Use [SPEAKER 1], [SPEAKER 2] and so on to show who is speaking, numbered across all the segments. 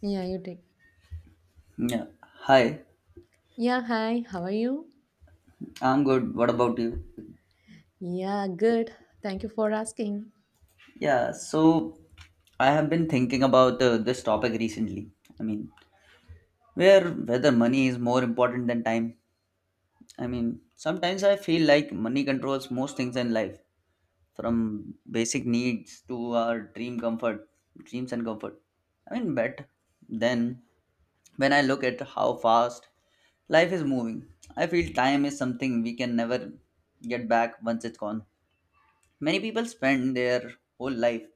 [SPEAKER 1] Yeah, you did.
[SPEAKER 2] Yeah. Hi,
[SPEAKER 1] Yeah, hi, how are you?
[SPEAKER 2] I'm good. What about you?
[SPEAKER 1] Yeah, good. Thank you for asking.
[SPEAKER 2] Yeah, so I have been thinking about this topic recently. I mean, where whether money is more important than time. I mean, sometimes I feel like money controls most things in life, from basic needs to our dreams and comfort. I mean, but then when I look at how fast life is moving, I feel time is something we can never get back once it's gone. Many people spend their whole life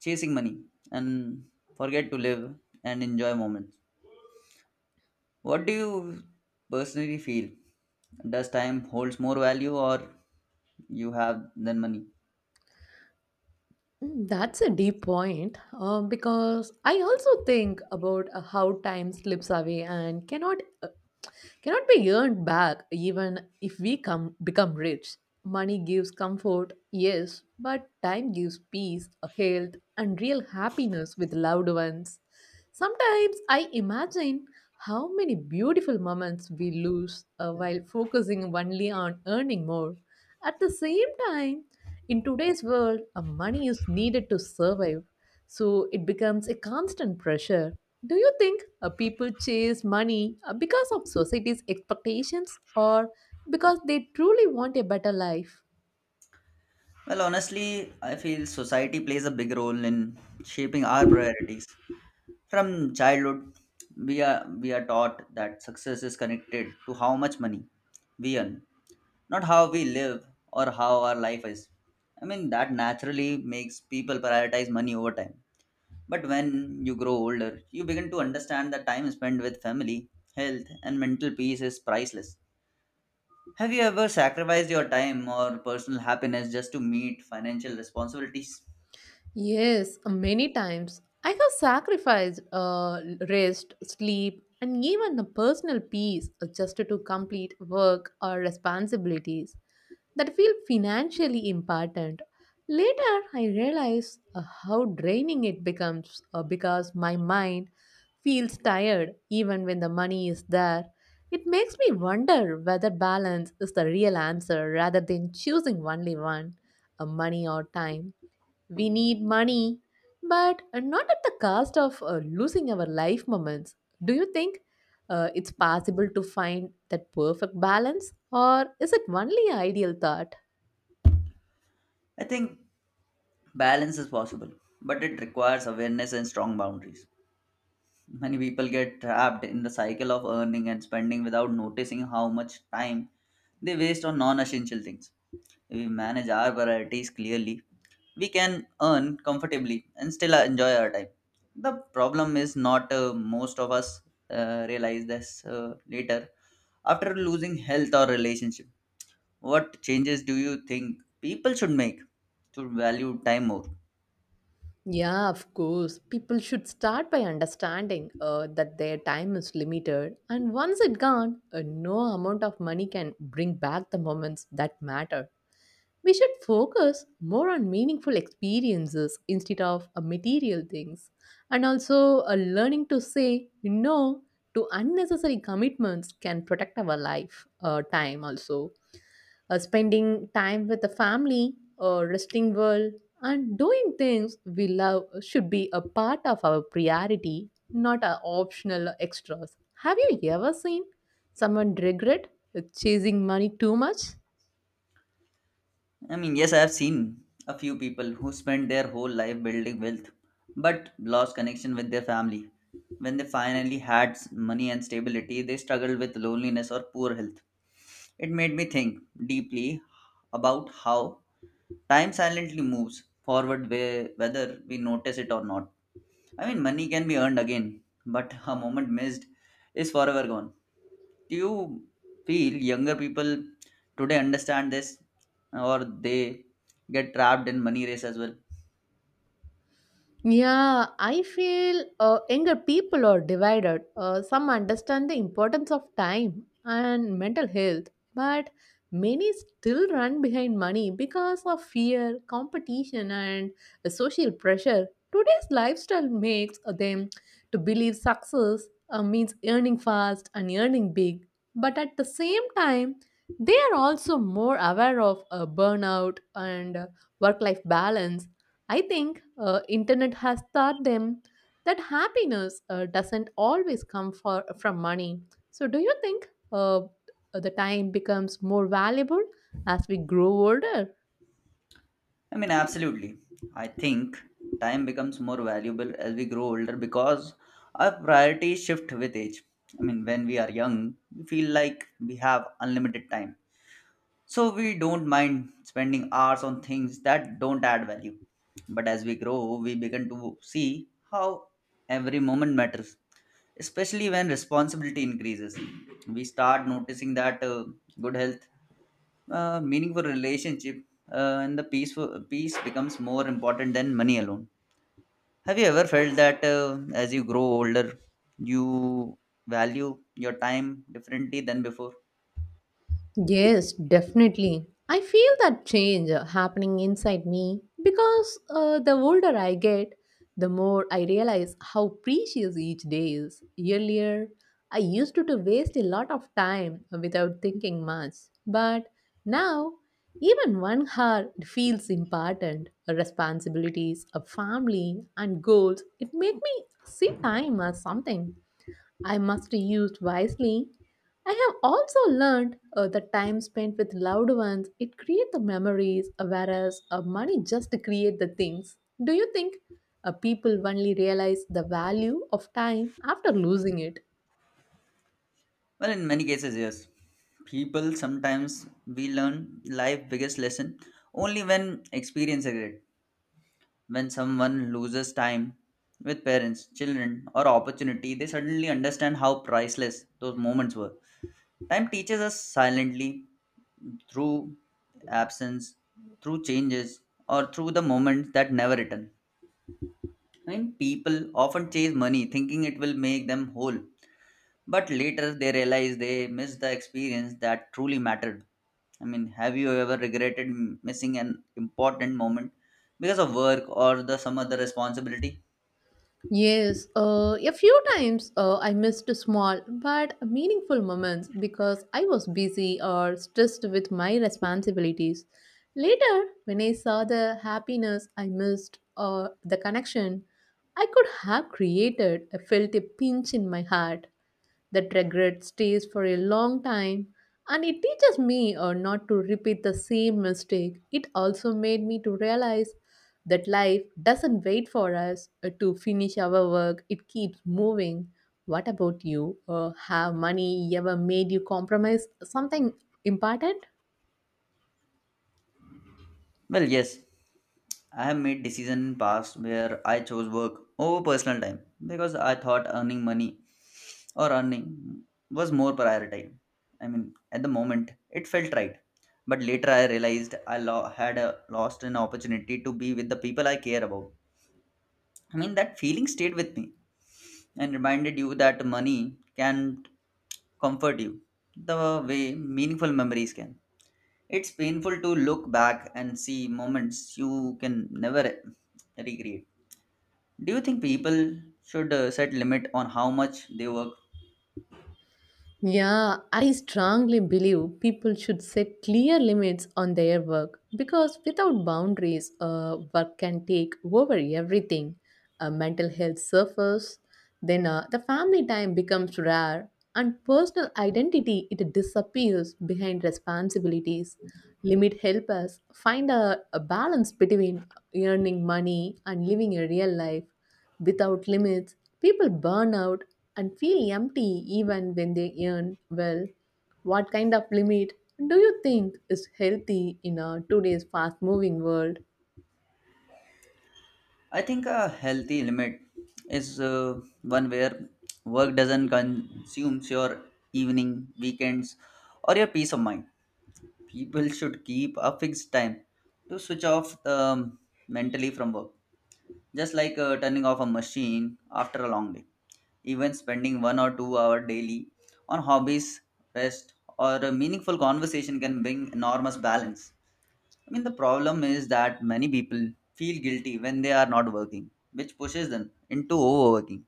[SPEAKER 2] chasing money and forget to live and enjoy moments. What do you personally feel? Does time holds more value or you have than money?
[SPEAKER 1] Mm, that's a deep point because I also think about how time slips away and cannot uh, cannot be earned back even if we come become rich. Money gives comfort, yes, but time gives peace, health, and real happiness with loved ones. Sometimes I imagine how many beautiful moments we lose while focusing only on earning more. At the same time, in today's world, money is needed to survive, so it becomes a constant pressure. Do you think people chase money because of society's expectations or because they truly want a better life?
[SPEAKER 2] Well, honestly, I feel society plays a big role in shaping our priorities. From childhood, we are taught that success is connected to how much money we earn, not how we live or how our life is. I mean, that naturally makes people prioritize money over time. But when you grow older, you begin to understand that time spent with family, health, and mental peace is priceless. Have you ever sacrificed your time or personal happiness just to meet financial responsibilities?
[SPEAKER 1] Yes, many times. I have sacrificed rest, sleep, and even the personal peace, just to complete work or responsibilities that feel financially important. Later, I realize how draining it becomes because my mind feels tired even when the money is there. It makes me wonder whether balance is the real answer rather than choosing only one, money or time. We need money, but not at the cost of losing our life moments. Do you think it's possible to find that perfect balance, or is it only ideal thought?
[SPEAKER 2] I think balance is possible, but it requires awareness and strong boundaries. Many people get trapped in the cycle of earning and spending without noticing how much time they waste on non essential things. If we manage our priorities clearly, we can earn comfortably and still enjoy our time. The problem is not most of us realize this later, after losing health or relationship. What changes do you think people should make to value time more?
[SPEAKER 1] Yeah, of course. People should start by understanding that their time is limited, and once it's gone, no amount of money can bring back the moments that matter. We should focus more on meaningful experiences instead of material things, and also learning to say no to unnecessary commitments can protect our life time. Also, spending time with the family or resting well and doing things we love should be a part of our priority, not a optional extras. Have you ever seen someone regret chasing money too much?
[SPEAKER 2] I mean, yes, I have seen a few people who spent their whole life building wealth but lost connection with their family. When they finally had money and stability, they struggled with loneliness or poor health. It made me think deeply about how time silently moves forward, whether we notice it or not. I mean, money can be earned again, but a moment missed is forever gone. Do you feel younger people today understand this, or they get trapped in money race as well?
[SPEAKER 1] Yeah, I feel younger people are divided. Some understand the importance of time and mental health, but many still run behind money because of fear, competition, and social pressure. Today's lifestyle makes them to believe success means earning fast and earning big, but at the same time, they are also more aware of burnout and work life balance. I think internet has taught them that happiness doesn't always come from money. So do you think the time becomes more valuable as we grow older?
[SPEAKER 2] I mean, absolutely. I think time becomes more valuable as we grow older because our priorities shift with age. I mean, when we are young, we feel like we have unlimited time. So we don't mind spending hours on things that don't add value. But as we grow, we begin to see how every moment matters, especially when responsibility increases. We start noticing that good health, meaningful relationship, and the peace becomes more important than money alone. Have you ever felt that as you grow older, you value your time differently than before?
[SPEAKER 1] Yes, definitely. I feel that change happening inside me because the older I get, the more I realize how precious each day is. Earlier, I used to waste a lot of time without thinking much, but now, even 1 hour feels important. Responsibilities, a family, and goals. It make me see time as something I must use wisely. I have also learned that time spent with loved ones it creates the memories, whereas money just create the things. Do you think people only realize the value of time after losing it?
[SPEAKER 2] Well, in many cases, yes. People sometimes we learn life biggest lesson only when experience it. When someone loses time with parents, children, or opportunity, they suddenly understand how priceless those moments were. Time teaches us silently, through absence, through changes, or through the moments that never return. I mean, people often chase money thinking it will make them whole, but later they realize they missed the experience that truly mattered. I mean, have you ever regretted missing an important moment because of work or the some other responsibility?
[SPEAKER 1] Yes, a few times I missed small but meaningful moments because I was busy or stressed with my responsibilities. Later, when I saw the happiness I missed or the connection I could have created, I felt a pinch in my heart. That regret stays for a long time and it teaches me not to repeat the same mistake. It also made me to realize that life doesn't wait for us to finish our work, it keeps moving. What about you? Have money ever made you compromise something important?
[SPEAKER 2] Well, yes, I have made decisions in past where I chose work over personal time because I thought earning money or earning was more priority. I mean, at the moment, it felt right, but later I realized I lost an opportunity to be with the people I care about. I mean, that feeling stayed with me and reminded you that money can't comfort you the way meaningful memories can. It's painful to look back and see moments you can never recreate. Do you think people should set limit on how much they work?
[SPEAKER 1] Yeah, I strongly believe people should set clear limits on their work because without boundaries, work can take over everything. Uh, mental health suffers, then the family time becomes rare and personal identity it disappears behind responsibilities. Limit help us find a balance between earning money and living a real life. Without limits, people burn out and feel empty even when they earn well. What kind of limit do you think is healthy in a today's fast moving world?
[SPEAKER 2] I think a healthy limit is one where work doesn't consume your evening, weekends, or your peace of mind. People should keep a fixed time to switch off mentally from work, just like turning off a machine after a long day. Even spending 1 or 2 hours daily on hobbies, rest, or a meaningful conversation can bring enormous balance. I mean, the problem is that many people feel guilty when they are not working, which pushes them into overworking.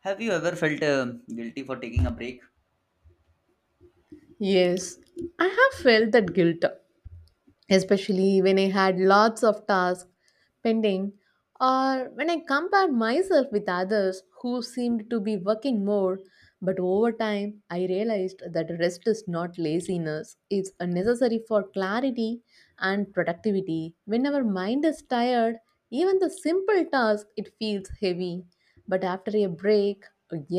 [SPEAKER 2] Have you ever felt guilty for taking a break?
[SPEAKER 1] Yes, I have felt that guilt, especially when I had lots of tasks pending or when I compared myself with others who seemed to be working more. But over time, I realized that rest is not laziness, it's a necessary for clarity and productivity. When our mind is tired, even the simple task it feels heavy, but after a break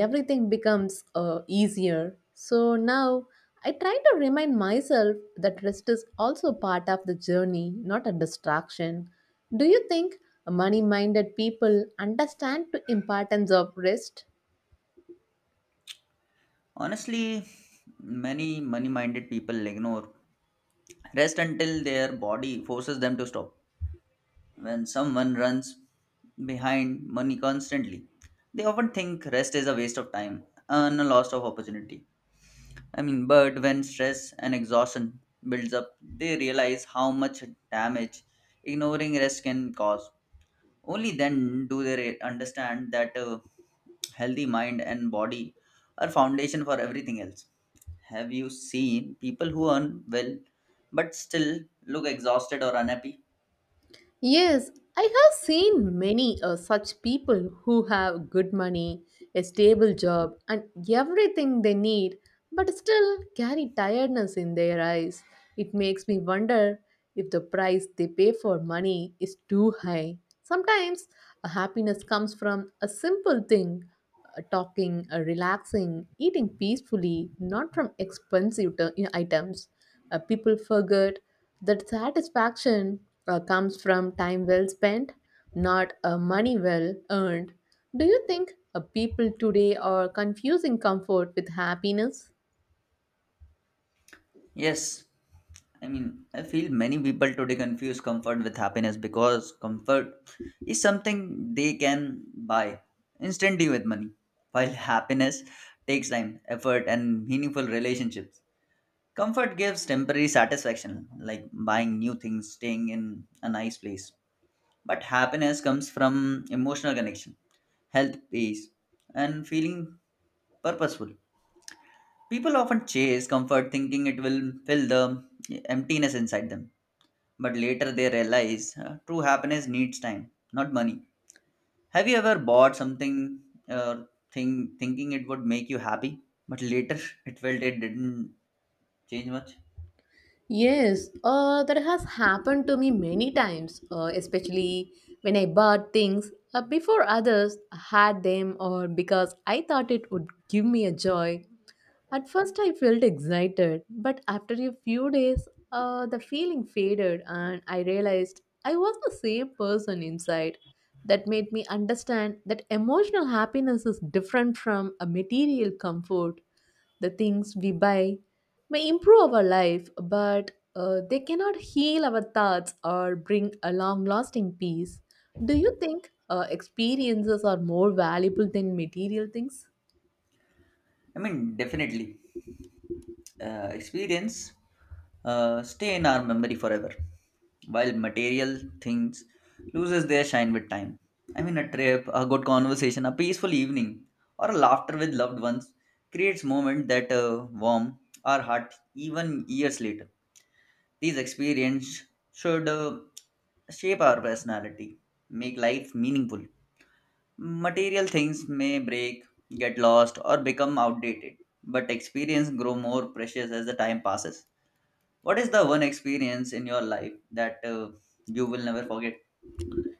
[SPEAKER 1] everything becomes easier. So now I try to remind myself that rest is also part of the journey, not a distraction. Do you think money minded people understand the importance of rest?
[SPEAKER 2] Honestly, many money minded people ignore rest until their body forces them to stop. When someone runs behind money constantly, they often think rest is a waste of time and a loss of opportunity. I mean, but when stress and exhaustion builds up, they realize how much damage ignoring rest can cause. Only then do they understand that a healthy mind and body are foundation for everything else. Have you seen people who earn well but still look exhausted or unhappy?
[SPEAKER 1] Yes, I have seen many such people who have good money, a stable job, and everything they need, but still carry tiredness in their eyes. It makes me wonder if the price they pay for money is too high. Sometimes a happiness comes from a simple thing, talking, relaxing, eating peacefully, not from expensive items. People forget that satisfaction comes from time well spent, not money well earned. Do you think people today are confusing comfort with happiness?
[SPEAKER 2] Yes, I mean, I feel many people today confuse comfort with happiness because comfort is something they can buy instantly with money, while happiness takes time, effort, and meaningful relationships. Comfort gives temporary satisfaction, like buying new things, staying in a nice place. But happiness comes from emotional connection, health, peace, and feeling purposeful. People often chase comfort thinking it will fill the emptiness inside them, but later they realize true happiness needs time, not money. Have you ever bought something uh, thing thinking it would make you happy, but later it didn't change much?
[SPEAKER 1] Yes, that has happened to me many times, especially when I bought things before others had them or because I thought it would give me a joy. At first, I felt excited, but after a few days, the feeling faded and I realized I was the same person inside. That made me understand that emotional happiness is different from a material comfort. The things we buy may improve our life, but they cannot heal our thoughts or bring a long lasting peace. Do you think experiences are more valuable than material things?
[SPEAKER 2] I mean, definitely. Experience stay in our memory forever, while material things loses their shine with time. I mean, a trip, a good conversation, a peaceful evening, or a laughter with loved ones creates moments that warm our heart even years later. These experiences should shape our personality, make life meaningful. Material things may break, get lost, or become outdated, but experience grow more precious as the time passes. What is the one experience in your life that you will never forget?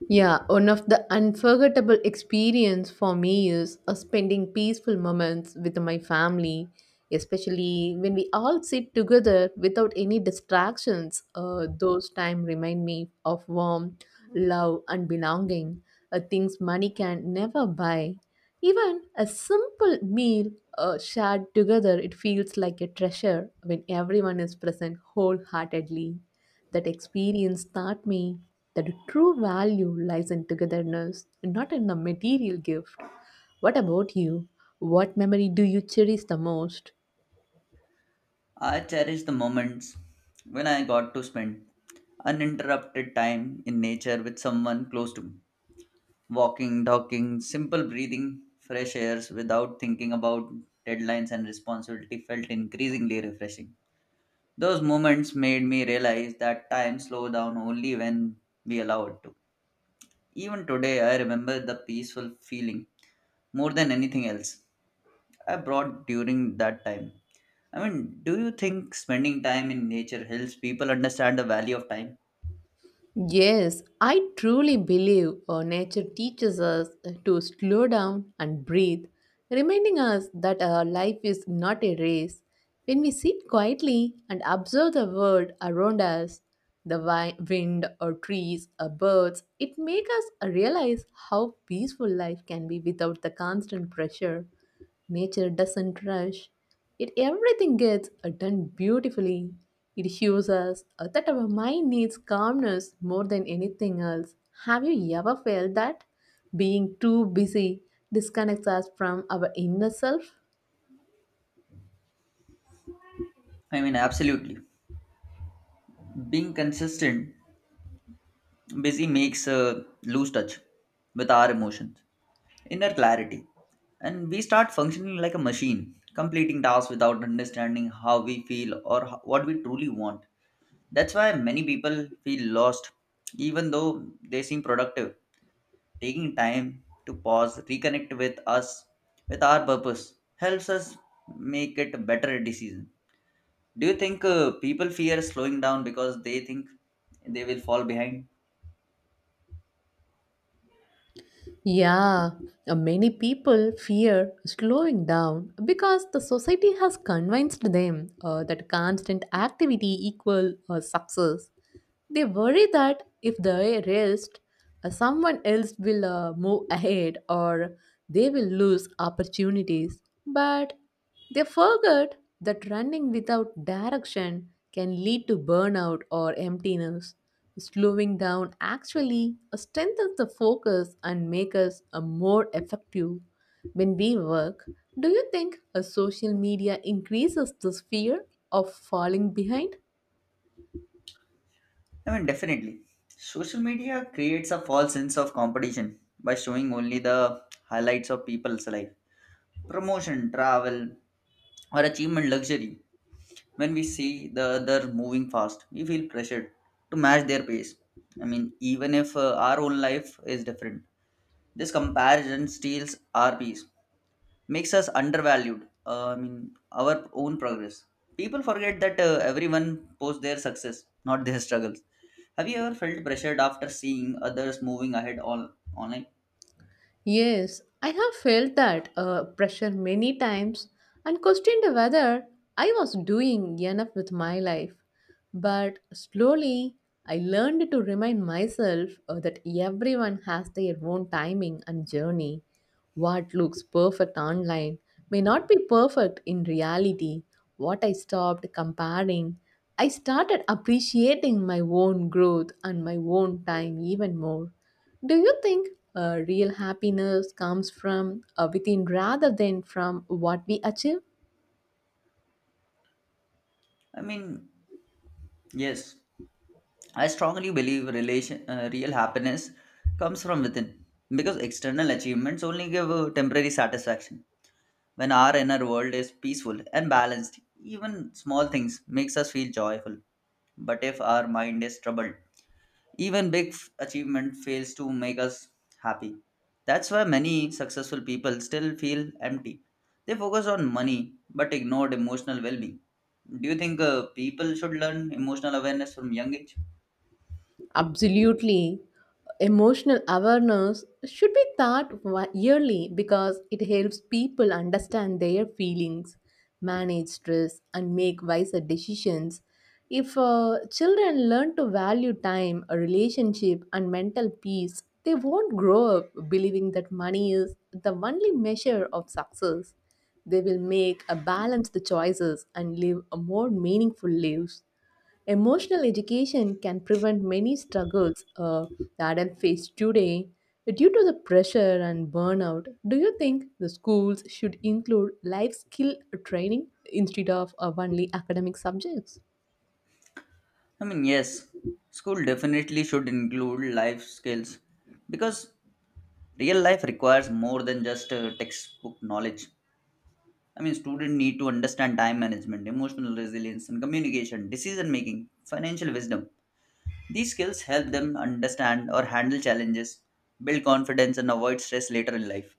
[SPEAKER 1] Yeah, one of the unforgettable experience for me is spending peaceful moments with my family, especially when we all sit together without any distractions. Those time remind me of warmth, love, and belonging, things money can never buy. Even a simple meal shared together, it feels like a treasure when everyone is present wholeheartedly. That experience taught me that true value lies in togetherness, not in a material gift. What about you? What memory do you cherish the most?
[SPEAKER 2] I cherish the moments when I got to spend uninterrupted time in nature with someone close to me. Walking, talking, simple breathing, fresh airs without thinking about deadlines and responsibility felt increasingly refreshing. Those moments made me realize that time slows down only when we allow it to. Even today, I remember the peaceful feeling more than anything else I brought during that time. I mean, do you think spending time in nature helps people understand the value of time?
[SPEAKER 1] Yes, I truly believe nature teaches us to slow down and breathe, reminding us that our life is not a race. When we sit quietly and observe the world around us, the wind or trees or birds, it makes us realize how peaceful life can be without the constant pressure. Nature doesn't rush. It everything gets done beautifully. It shows us that our mind needs calmness more than anything else. Have you ever felt that being too busy disconnects us from our inner self?
[SPEAKER 2] I mean, absolutely. Being consistent, busy makes a lose touch with our emotions, inner clarity, and we start functioning like a machine, completing tasks without understanding how we feel or what we truly want. That's why many people feel lost, even though they seem productive. Taking time to pause, reconnect with us, with our purpose, helps us make it a better decision. Do you think people fear slowing down because they think they will fall behind?
[SPEAKER 1] Yeah, many people fear slowing down because the society has convinced them that constant activity equals success. They worry that if they rest, someone else will move ahead or they will lose opportunities. But they forget that running without direction can lead to burnout or emptiness. Slowing down actually strengthens the focus and makes us more effective when we work. Do you think a social media increases this fear of falling behind?
[SPEAKER 2] I mean, definitely. Social media creates a false sense of competition by showing only the highlights of people's life, promotion, travel, or achievement luxury. When we see the other moving fast, we feel pressured to match their pace. I mean, even if our own life is different, this comparison steals our peace, makes us undervalued. I mean, our own progress. People forget that everyone posts their success, not their struggles. Have you ever felt pressured after seeing others moving ahead all online?
[SPEAKER 1] Yes, I have felt that pressure many times and questioned whether I was doing enough with my life. But slowly, I learned to remind myself that everyone has their own timing and journey. What looks perfect online may not be perfect in reality. What I stopped comparing, I started appreciating my own growth and my own time even more. Do you think real happiness comes from within rather than from what we achieve?
[SPEAKER 2] I mean, yes, I strongly believe relation real happiness comes from within because external achievements only give temporary satisfaction. When our inner world is peaceful and balanced, even small things makes us feel joyful. But if our mind is troubled, even big achievement fails to make us happy. That's why many successful people still feel empty. They focus on money but ignored emotional well-being. Do you think people should learn emotional awareness from young age?
[SPEAKER 1] Absolutely. Emotional awareness should be taught yearly because it helps people understand their feelings, manage stress, and make wiser decisions. If children learn to value time, a relationship, and mental peace, they won't grow up believing that money is the only measure of success. They will make a balanced choices and live a more meaningful lives. Emotional education can prevent many struggles the adult face today due to the pressure and burnout. Do you think the schools should include life skill training instead of only academic subjects?
[SPEAKER 2] I mean, yes, school definitely should include life skills because real life requires more than just textbook knowledge. I mean, students need to understand time management, emotional resilience, and communication, decision making, financial wisdom. These skills help them understand or handle challenges, build confidence, and avoid stress later in life.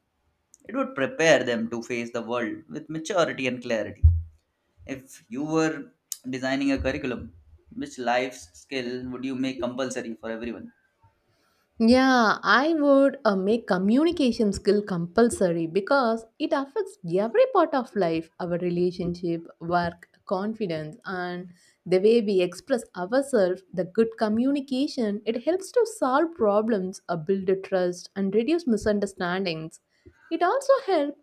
[SPEAKER 2] It would prepare them to face the world with maturity and clarity. If you were designing a curriculum, which life skill would you make compulsory for everyone?
[SPEAKER 1] Yeah, I would make communication skill compulsory because it affects every part of life, our relationship, work, confidence, and the way we express ourselves. The good communication it helps to solve problems, build trust, and reduce misunderstandings. It also helps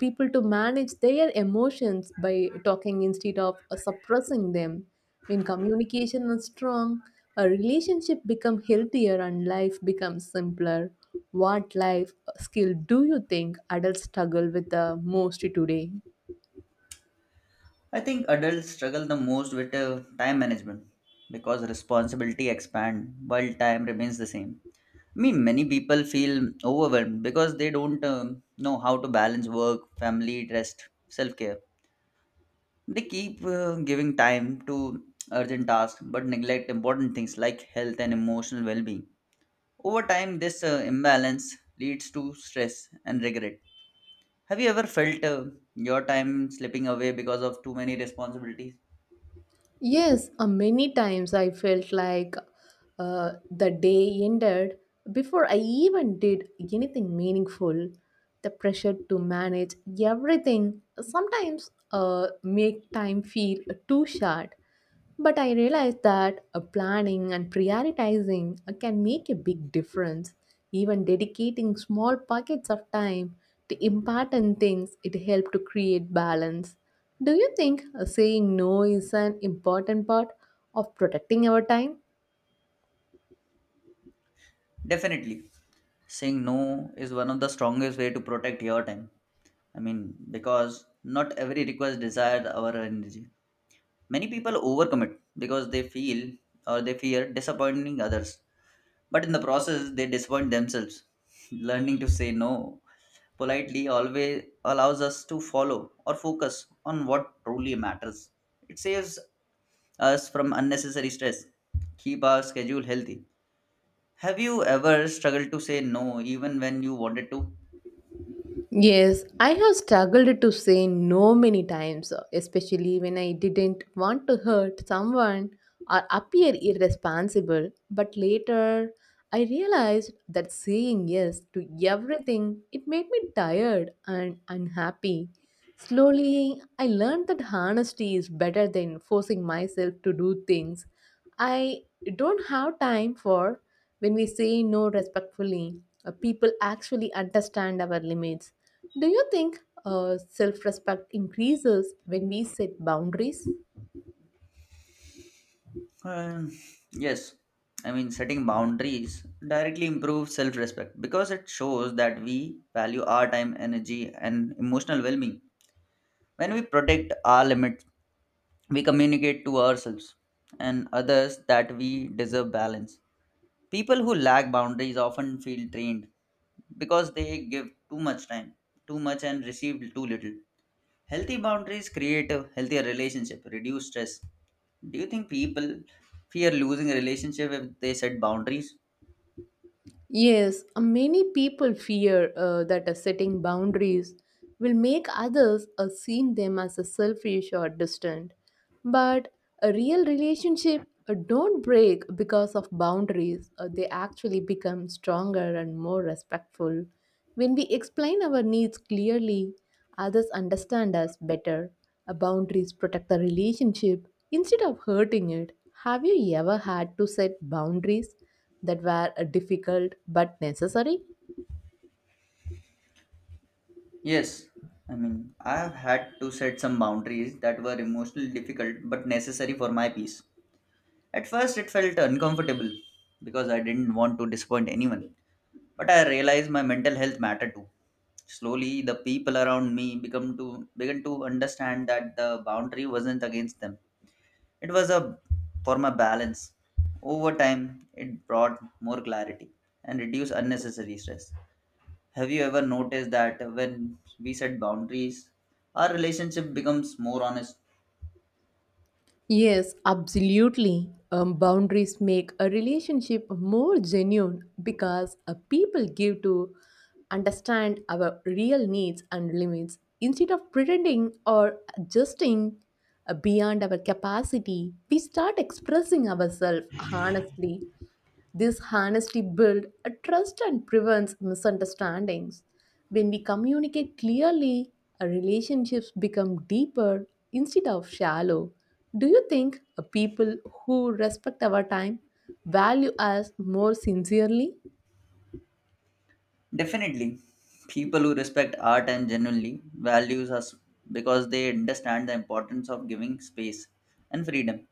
[SPEAKER 1] people to manage their emotions by talking instead of suppressing them. When communication is strong, a relationship becomes healthier and life becomes simpler. What life skill do you think adults struggle with the most today?
[SPEAKER 2] I think adults struggle the most with time management because responsibility expand while time remains the same. I mean, many people feel overwhelmed because they don't know how to balance work, family, rest, self care. They keep giving time to urgent tasks but neglect important things like health and emotional well being. Over time, this imbalance leads to stress and regret. Have you ever felt your time slipping away because of too many responsibilities?
[SPEAKER 1] Yes, many times I felt like the day ended before I even did anything meaningful. The pressure to manage everything sometimes make time feel too short. But I realized that a planning and prioritizing can make a big difference. Even dedicating small pockets of time to important things, it helps to create balance. Do you think saying no is an important part of protecting our time?
[SPEAKER 2] Definitely. Saying no is one of the strongest way to protect your time. I mean, because not every request desires our energy. Many people overcommit because they feel or they fear disappointing others. But in the process, they disappoint themselves. Learning to say no politely always allows us to follow or focus on what truly matters. It saves us from unnecessary stress. Keep our schedule healthy. Have you ever struggled to say no even when you wanted to?
[SPEAKER 1] Yes, I have struggled to say no many times, especially when I didn't want to hurt someone or appear irresponsible. But later, I realized that saying yes to everything it made me tired and unhappy. Slowly, I learned that honesty is better than forcing myself to do things I don't have time for when we say no respectfully. People actually understand our limits. Do you think self respect increases when we set boundaries?
[SPEAKER 2] Um, yes. I mean, setting boundaries directly improves self respect because it shows that we value our time, energy, and emotional well being. When we protect our limits, we communicate to ourselves and others that we deserve balance. People who lack boundaries often feel drained because they give too much time, too much, and receive too little. Healthy boundaries create a healthier relationship, reduce stress. Do you think people fear losing a relationship if they set boundaries?
[SPEAKER 1] Yes, many people fear that setting boundaries will make others see them as selfish or distant. But a real relationship don't break because of boundaries. They actually become stronger and more respectful. When we explain our needs clearly, others understand us better. Boundaries protect the relationship instead of hurting it. Have you ever had to set boundaries that were difficult but necessary?
[SPEAKER 2] Yes. I mean, I have had to set some boundaries that were emotionally difficult but necessary for my peace. At first, it felt uncomfortable because I didn't want to disappoint anyone. But I realized my mental health mattered too. Slowly, the people around me become to began to understand that the boundary wasn't against them. It was a for my balance. Over time, it brought more clarity and reduced unnecessary stress. Have you ever noticed that when we set boundaries, our relationship becomes more honest?
[SPEAKER 1] Yes, absolutely. Boundaries make a relationship more genuine because people give to understand our real needs and limits instead of pretending or adjusting beyond our capacity. We start expressing ourselves honestly. This honesty builds a trust and prevents misunderstandings. When we communicate clearly, our relationships become deeper instead of shallow. Do you think people who respect our time value us more sincerely?
[SPEAKER 2] Definitely, people who respect art and genuinely values us because they understand the importance of giving space and freedom.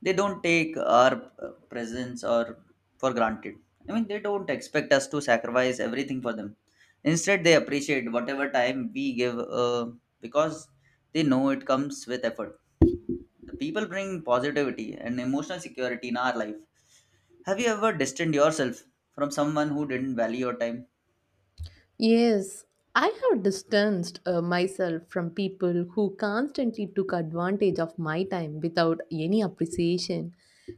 [SPEAKER 2] They don't take our presence or for granted. I mean, they don't expect us to sacrifice everything for them. Instead, they appreciate whatever time we give because they know it comes with effort. The people bring positivity and emotional security in our life. Have you ever distanced yourself from someone who didn't value your time?
[SPEAKER 1] Yes, I have distanced myself from people who constantly took advantage of my time without any appreciation.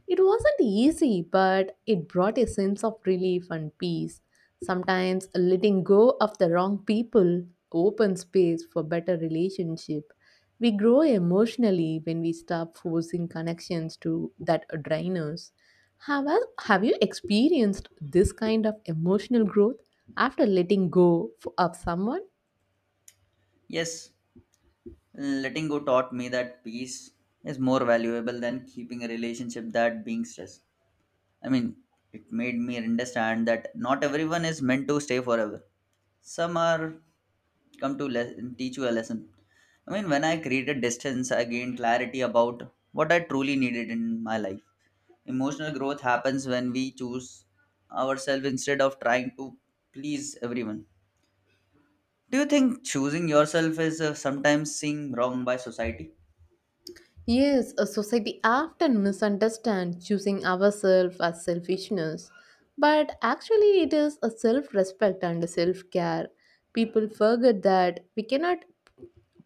[SPEAKER 1] It wasn't easy, but it brought a sense of relief and peace. Sometimes letting go of the wrong people opens space for better relationship. We grow emotionally when we stop forcing connections to that drain us. Have you experienced this kind of emotional growth after letting go of someone?
[SPEAKER 2] Yes, letting go taught me that peace is more valuable than keeping a relationship that being stressed. I mean, it made me understand that not everyone is meant to stay forever. Some are come to teach you a lesson. I mean, when I created distance, I gained clarity about what I truly needed in my life. Emotional growth happens when we choose ourselves instead of trying to please everyone. Do you think choosing yourself is sometimes seen wrong by society?
[SPEAKER 1] Yes, a society often misunderstands choosing ourselves as selfishness, but actually it is a self-respect and self-care. People forget that we cannot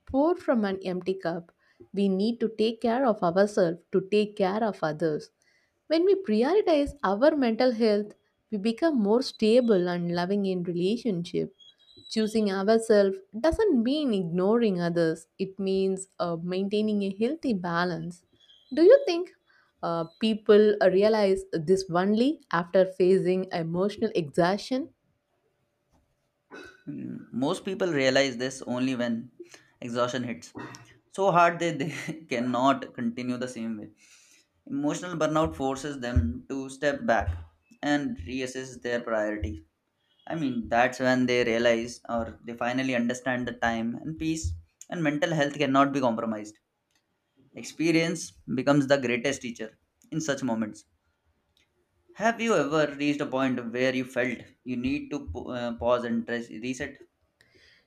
[SPEAKER 1] pour from an empty cup. We need to take care of ourselves to take care of others. When we prioritize our mental health, we become more stable and loving in relationship. Choosing ourselves doesn't mean ignoring others, it means maintaining a healthy balance. Do you think people realize this only after facing emotional exhaustion?
[SPEAKER 2] Mm, most people realize this only when exhaustion hits so hard they cannot continue the same way. Emotional burnout forces them to step back and reassess their priorities. I mean, that's when they realize or they finally understand the time and peace and mental health cannot be compromised. Experience becomes the greatest teacher in such moments. Have you ever reached a point where you felt you need to pause and reset?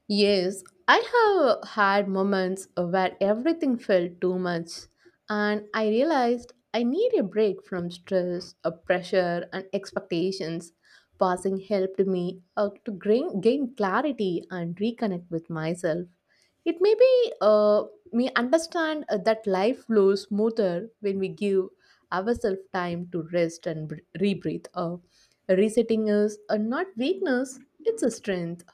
[SPEAKER 1] Yes, I have had moments where everything felt too much, and I realized I need a break from stress, pressure, and expectations. Passing helped me to gain clarity and reconnect with myself. It may be me understand that life flows smoother when we give ourselves time to rest and rebreathe. Resetting is not weakness; it's a strength.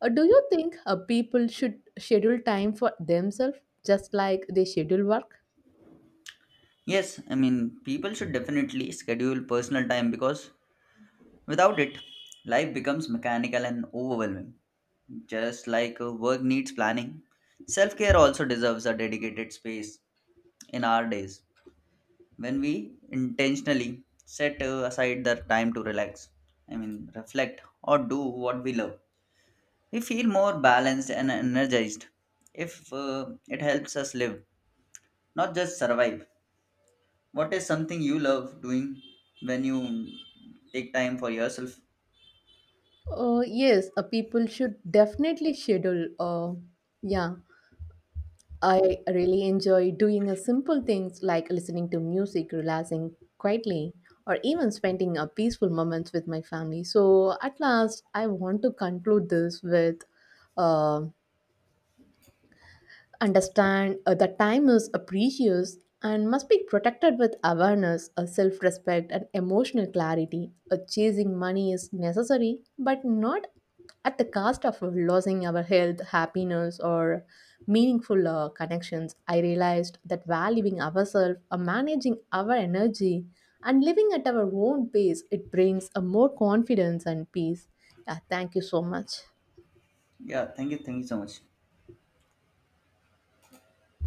[SPEAKER 1] Do you think people should schedule time for themselves just like they schedule work?
[SPEAKER 2] Yes, I mean, people should definitely schedule personal time because without it, life becomes mechanical and overwhelming. Just like work needs planning, self care also deserves a dedicated space in our days when we intentionally set aside the time to relax, I mean, reflect, or do what we love. We feel more balanced and energized if it helps us live, not just survive. What is something you love doing when you take time for yourself?
[SPEAKER 1] Yes, people should definitely schedule. Yeah, I really enjoy doing simple things like listening to music, relaxing quietly, or even spending peaceful moments with my family. So, at last, I want to conclude this with um understand that time is precious and must be protected with awareness, self respect, and emotional clarity. Chasing money is necessary, but not at the cost of losing our health, happiness, or meaningful connections. I realized that valuing ourselves, managing our energy, and living at our own pace, it brings a more confidence and peace. Yeah, thank you so much.
[SPEAKER 2] Yeah, thank you so much.